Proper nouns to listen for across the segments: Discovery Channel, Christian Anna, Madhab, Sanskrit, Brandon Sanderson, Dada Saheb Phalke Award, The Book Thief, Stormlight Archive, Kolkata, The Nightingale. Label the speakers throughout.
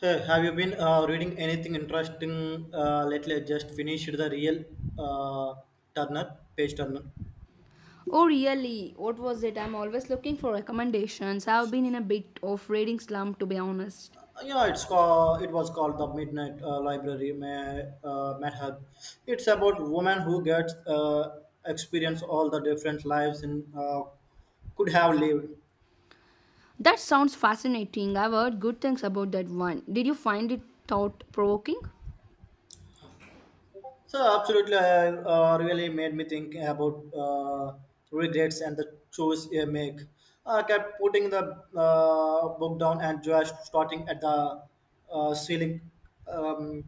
Speaker 1: Hey, have you been reading anything interesting lately? I just finished the real uh, Turner, page Turner.
Speaker 2: Oh, really? What was it? I'm always looking for recommendations. I've been in a bit of reading slump, to be honest.
Speaker 1: Yeah, it's called, it was called the Midnight Library Madhab. It's about woman who gets experience all the different lives and could have lived.
Speaker 2: That sounds fascinating. I've heard good things about that one. Did you find it thought provoking?
Speaker 1: So absolutely, really made me think about regrets and the choice you make. I kept putting the book down and just starting at the ceiling, um,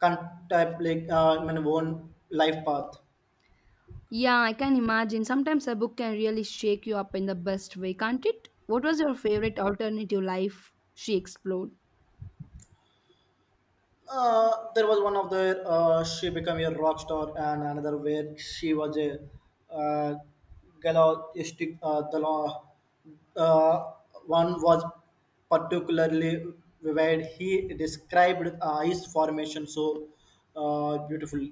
Speaker 1: contemplating my own life path.
Speaker 2: Yeah, I can imagine. Sometimes a book can really shake you up in the best way, can't it? What was your favorite alternative life she explored?
Speaker 1: There was one of the she became a rock star and another where she was a uh, galactic the law uh, one was particularly vivid he described his formation so beautifully.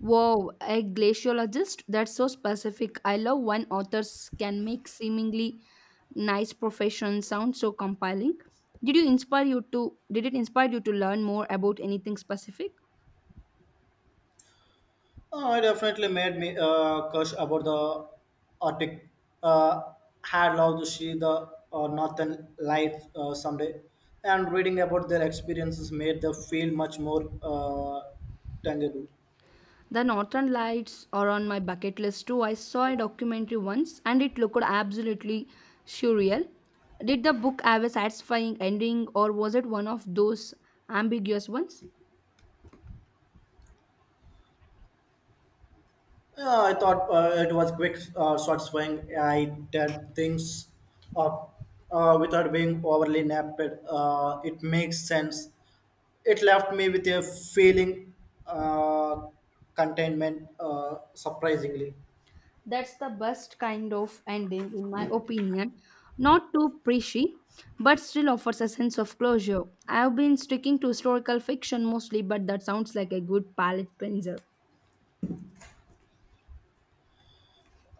Speaker 2: Wow, a glaciologist? That's so specific. I love when authors can make seemingly nice profession sound so compelling. Did it inspire you to learn more about anything specific?
Speaker 1: It definitely made me curse about the Arctic. Uh, Had loved to see the northern lights someday, and reading about their experiences made them feel much more tangible.
Speaker 2: The Northern Lights are on my bucket list too. I saw a documentary once and it looked absolutely surreal. Did the book have a satisfying ending or was it one of those ambiguous ones?
Speaker 1: Yeah, I thought it was quick, short swing. I did things up without being overly napped. It makes sense. It left me with a feeling uh, containment, surprisingly.
Speaker 2: That's the best kind of ending, in my opinion. Not too preachy, but still offers a sense of closure. I've been sticking to historical fiction mostly, but that sounds like a good palate cleanser.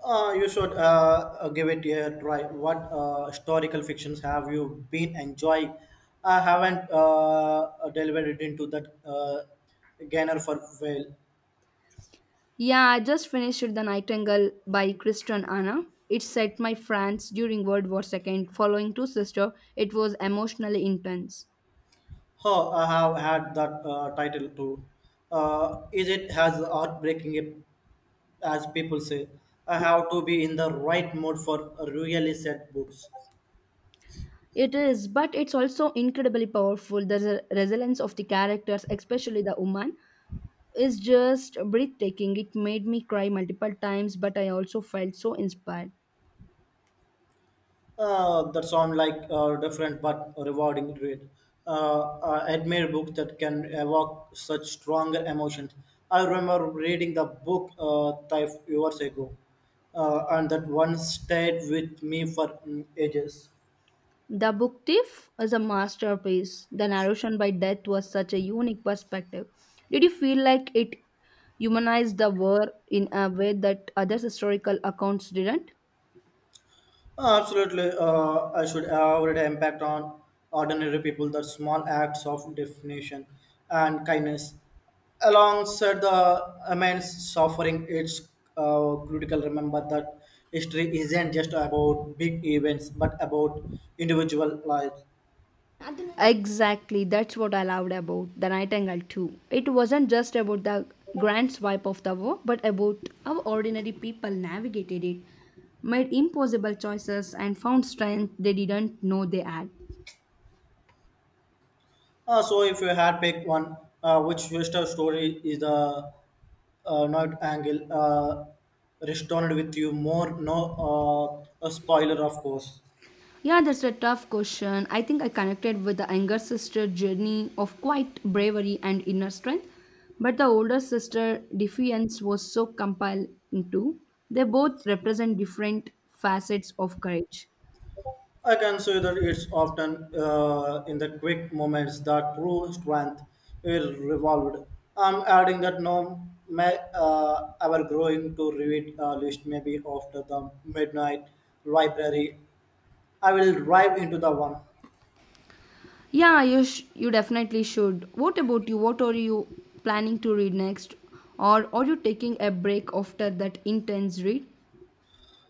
Speaker 1: You should give it a try. What historical fictions have you been enjoying? I haven't delved into that genre for well.
Speaker 2: Yeah, I just finished The Nightingale by Christian Anna. It's set my France during World War II. Following two sisters, it was emotionally intense.
Speaker 1: Oh, I have had that title too. Is it as heartbreaking as people say? I have to be in the right mood for a really sad books.
Speaker 2: It is, but it's also incredibly powerful. There's a resilience of the characters, especially the woman. Is just breathtaking. It made me cry multiple times, but I also felt so inspired.
Speaker 1: That sound like different but rewarding read. I admire books that can evoke such stronger emotions. I remember reading the book five years ago, and that one stayed with me for ages.
Speaker 2: The book Thief is a masterpiece. The narration by death was such a unique perspective. Did you feel like it humanized the war in a way that other historical accounts didn't?
Speaker 1: Absolutely, I should everyday impact on ordinary people. That small acts of definition and kindness, alongside the immense suffering, it's critical. Remember that history isn't just about big events, but about individual lives.
Speaker 2: Exactly, that's what I loved about The Nightingale too. It wasn't just about the grand swipe of the war, but about how ordinary people navigated it, made impossible choices, and found strength they didn't know they had.
Speaker 1: So, if you had picked one, which Vista story is the not angle restored with you more? No, a spoiler, of course.
Speaker 2: Yeah, that's a tough question. I think I connected with the younger sister journey of quite bravery and inner strength, but the older sister defiance was so compelled into. They both represent different facets of courage.
Speaker 1: I consider it's often in the quick moments that true strength is revolved. I'm adding that no may ever growing to read list maybe after the midnight library. I will drive into the one.
Speaker 2: Yeah, you definitely should. What about you? What are you planning to read next? Or are you taking a break after that intense read?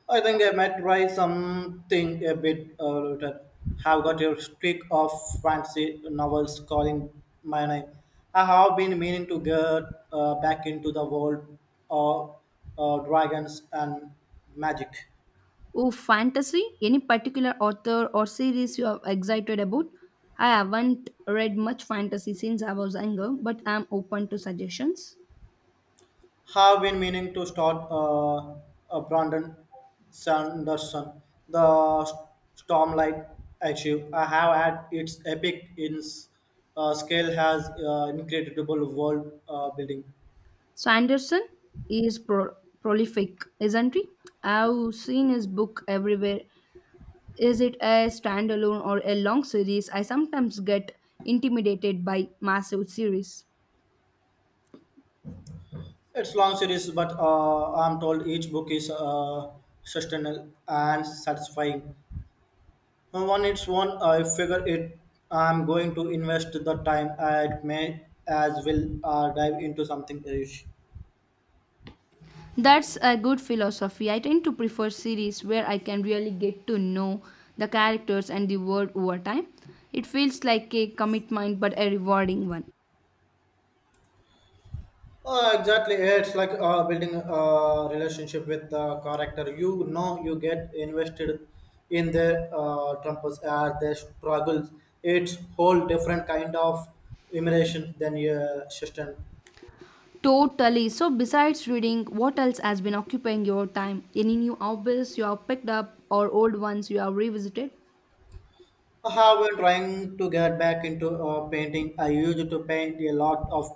Speaker 1: I think I might try something a bit later. Have got your streak of fancy novels calling my name. I have been meaning to get back into the world of dragons and magic.
Speaker 2: Oh, fantasy? Any particular author or series you are excited about? I haven't read much fantasy since I was younger, but I'm open to suggestions.
Speaker 1: Have been meaning to start Brandon Sanderson, the Stormlight Archive. I have had its epic in scale has incredible world building.
Speaker 2: So Anderson is prolific, isn't he? I've seen his book everywhere. Is it a standalone or a long series? I sometimes get intimidated by massive series.
Speaker 1: It's long series, but I'm told each book is sustainable and satisfying. And when it's one, I figure it. I'm going to invest the time. I may as well dive into something else.
Speaker 2: That's a good philosophy. I tend to prefer series where I can really get to know the characters and the world over time. It feels like a commitment but a rewarding one.
Speaker 1: Exactly, it's like building a relationship with the character. You know, you get invested in their tempers and their struggles. It's whole different kind of immersion than your system.
Speaker 2: Totally. So, besides reading, what else has been occupying your time? Any new hobbies you have picked up or old ones you have revisited?
Speaker 1: I have been trying to get back into painting. I used to paint a lot of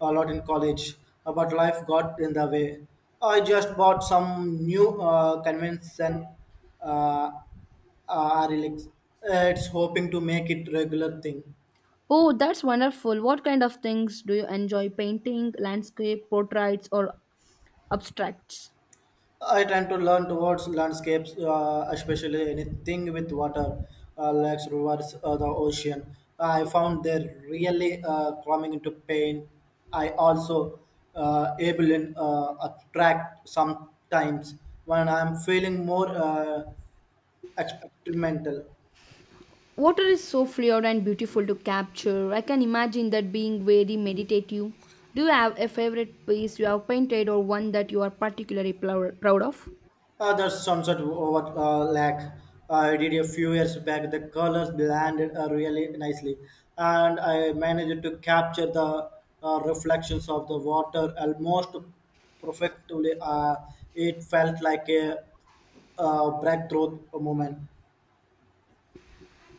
Speaker 1: a lot in college, but life got in the way. I just bought some new convention uh, relics. It's hoping to make it regular thing.
Speaker 2: Oh, that's wonderful. What kind of things do you enjoy? Painting, landscape, portraits, or abstracts.
Speaker 1: I tend to learn towards landscapes, especially anything with water, lakes, rivers, the ocean. I found they're really coming into pain. I also able in attract sometimes when I'm feeling more experimental.
Speaker 2: Water is so fluid and beautiful to capture. I can imagine that being very meditative. Do you have a favorite piece you have painted or one that you are particularly proud of?
Speaker 1: That sums up what lack I did a few years back. The colors blended really nicely, and I managed to capture the reflections of the water almost perfectly. It felt like a breakthrough moment.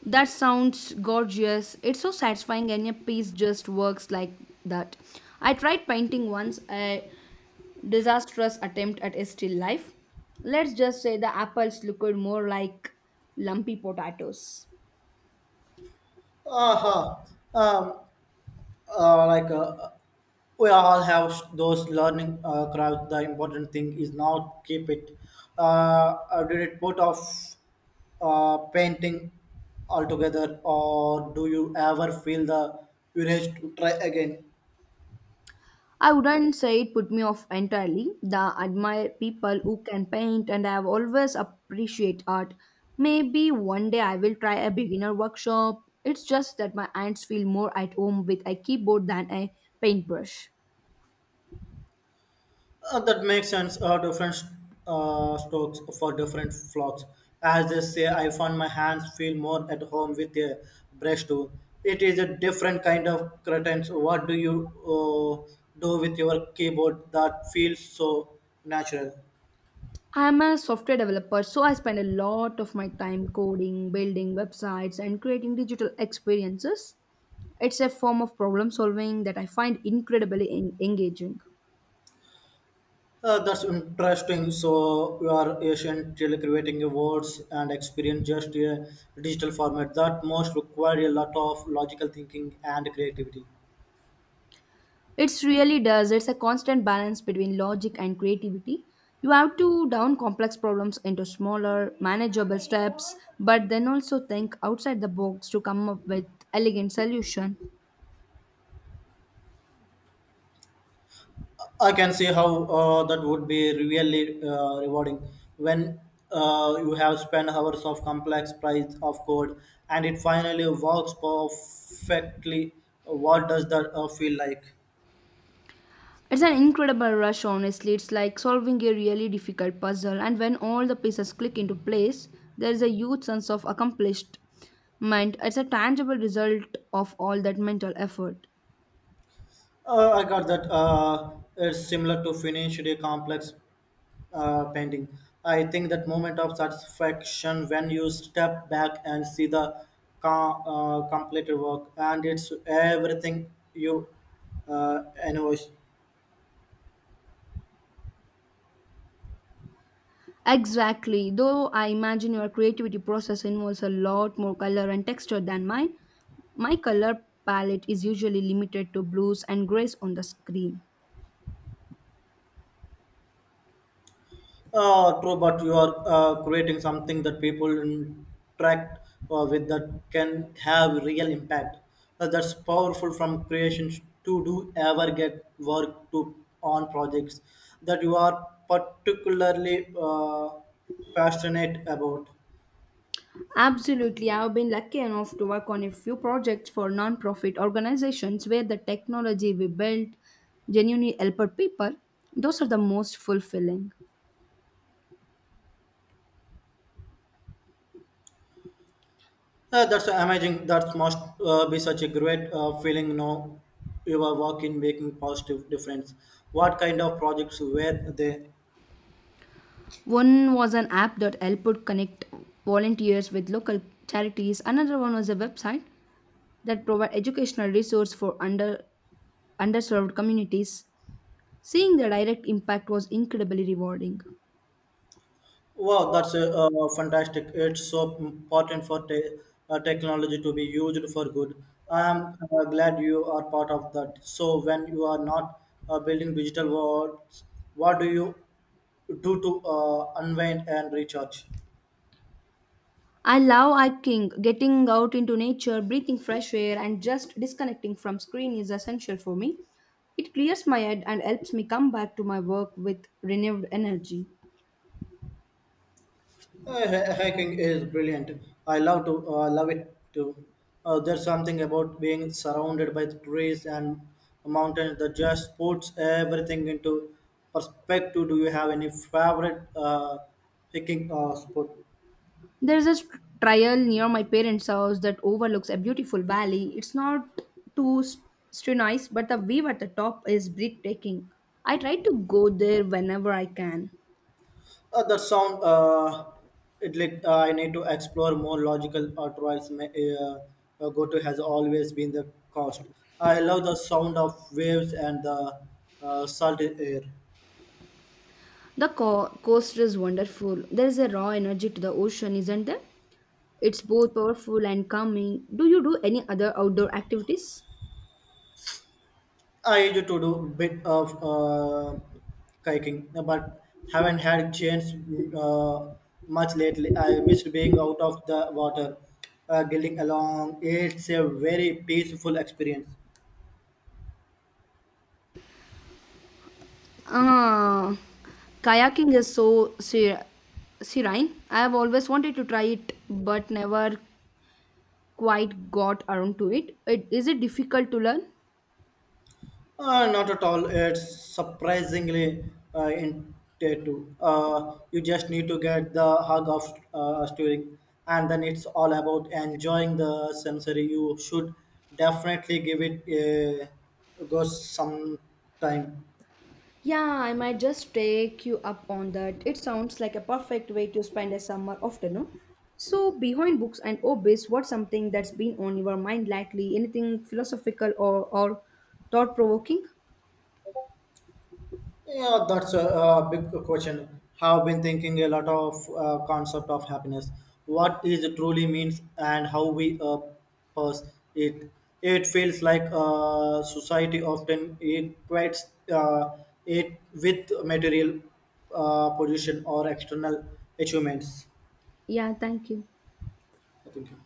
Speaker 2: That sounds gorgeous. It's so satisfying and a piece just works like that. I tried painting once a disastrous attempt at a still life. Let's just say the apples looked more like lumpy potatoes.
Speaker 1: Uh-huh. Um, like we all have those learning crowds. The important thing is not keep it. Did it put off painting altogether, or do you ever feel the urge to try again?
Speaker 2: I wouldn't say it put me off entirely. The admire people who can paint and I've always appreciate art. Maybe one day I will try a beginner workshop. It's just that my hands feel more at home with a keyboard than a paintbrush.
Speaker 1: That makes sense. Different strokes for different flocks. As they say, I found my hands feel more at home with a brush too. It is a different kind of curtains. What do you do with your keyboard that feels so natural?
Speaker 2: I'm a software developer, so I spend a lot of my time coding, building websites, and creating digital experiences. It's a form of problem solving that I find incredibly engaging.
Speaker 1: That's interesting. So you are essentially creating your words and experience just a digital format that most require a lot of logical thinking and creativity.
Speaker 2: It's really does. It's a constant balance between logic and creativity. You have to down complex problems into smaller, manageable steps, but then also think outside the box to come up with elegant solution.
Speaker 1: I can see how that would be really rewarding when you have spent hours of complex price of code and it finally works perfectly. What does that feel like?
Speaker 2: It's an incredible rush, honestly. It's like solving a really difficult puzzle, and when all the pieces click into place, there is a huge sense of accomplishment. It's a tangible result of all that mental effort.
Speaker 1: I got that. It's similar to finished a complex painting. I think that moment of satisfaction when you step back and see the completed work, and it's everything you invoice.
Speaker 2: Exactly. Though I imagine your creativity process involves a lot more color and texture than mine. My color palette is usually limited to blues and grays on the screen.
Speaker 1: True, but you are creating something that people interact with that can have real impact. That's powerful from creations to do ever get work to on projects that you are particularly passionate about.
Speaker 2: Absolutely. I've been lucky enough to work on a few projects for non-profit organizations where the technology we built genuinely helped people. Those are the most fulfilling.
Speaker 1: That's amazing. That must be such a great feeling. Now you are working, making positive difference. What kind of projects were they?
Speaker 2: One was an app that helped connect volunteers with local charities. Another one was a website that provide educational resource for underserved communities. Seeing the direct impact was incredibly rewarding.
Speaker 1: Wow, that's fantastic. It's so important for technology to be used for good. I'm glad you are part of that. So, when you are not building digital worlds, what do you do to unwind and recharge?
Speaker 2: I love hiking, getting out into nature, breathing fresh air, and just disconnecting from screen is essential for me. It clears my head and helps me come back to my work with renewed energy.
Speaker 1: Hiking is brilliant. I love to. I love it too. There's something about being surrounded by trees and mountains that just puts everything into perspective. Do you have any favorite hiking spot?
Speaker 2: There's a trail near my parents' house that overlooks a beautiful valley. It's not too s- too nice, but the view at the top is breathtaking. I try to go there whenever I can.
Speaker 1: That sound. It like I need to explore more logical trails. May, uh, go to has always been the cost. I love the sound of waves and the salty air.
Speaker 2: The coast is wonderful. There is a raw energy to the ocean, isn't there? It's both powerful and calming. Do you do any other outdoor activities?
Speaker 1: I used to do bit of kayaking, but haven't had chance uh, much lately. I missed being out of the water, getting along. It's a very peaceful experience.
Speaker 2: Ah, kayaking is so ser- serene. I have always wanted to try it, but never quite got around to it. Is it difficult to learn?
Speaker 1: Not at all. It's surprisingly intuitive. You just need to get the hug of steering, and then it's all about enjoying the sensory. You should definitely give it a go sometime.
Speaker 2: Yeah, I might just take you up on that. It sounds like a perfect way to spend a summer afternoon. So, behind books and hobbies, what's something that's been on your mind lately? Anything philosophical or thought provoking?
Speaker 1: Yeah, that's a big question. Have been thinking a lot of concept of happiness, what is it truly means, and how we purse it. It feels like society often equates uh, it with material pollution or external achievements.
Speaker 2: Yeah, thank you.
Speaker 1: Thank you.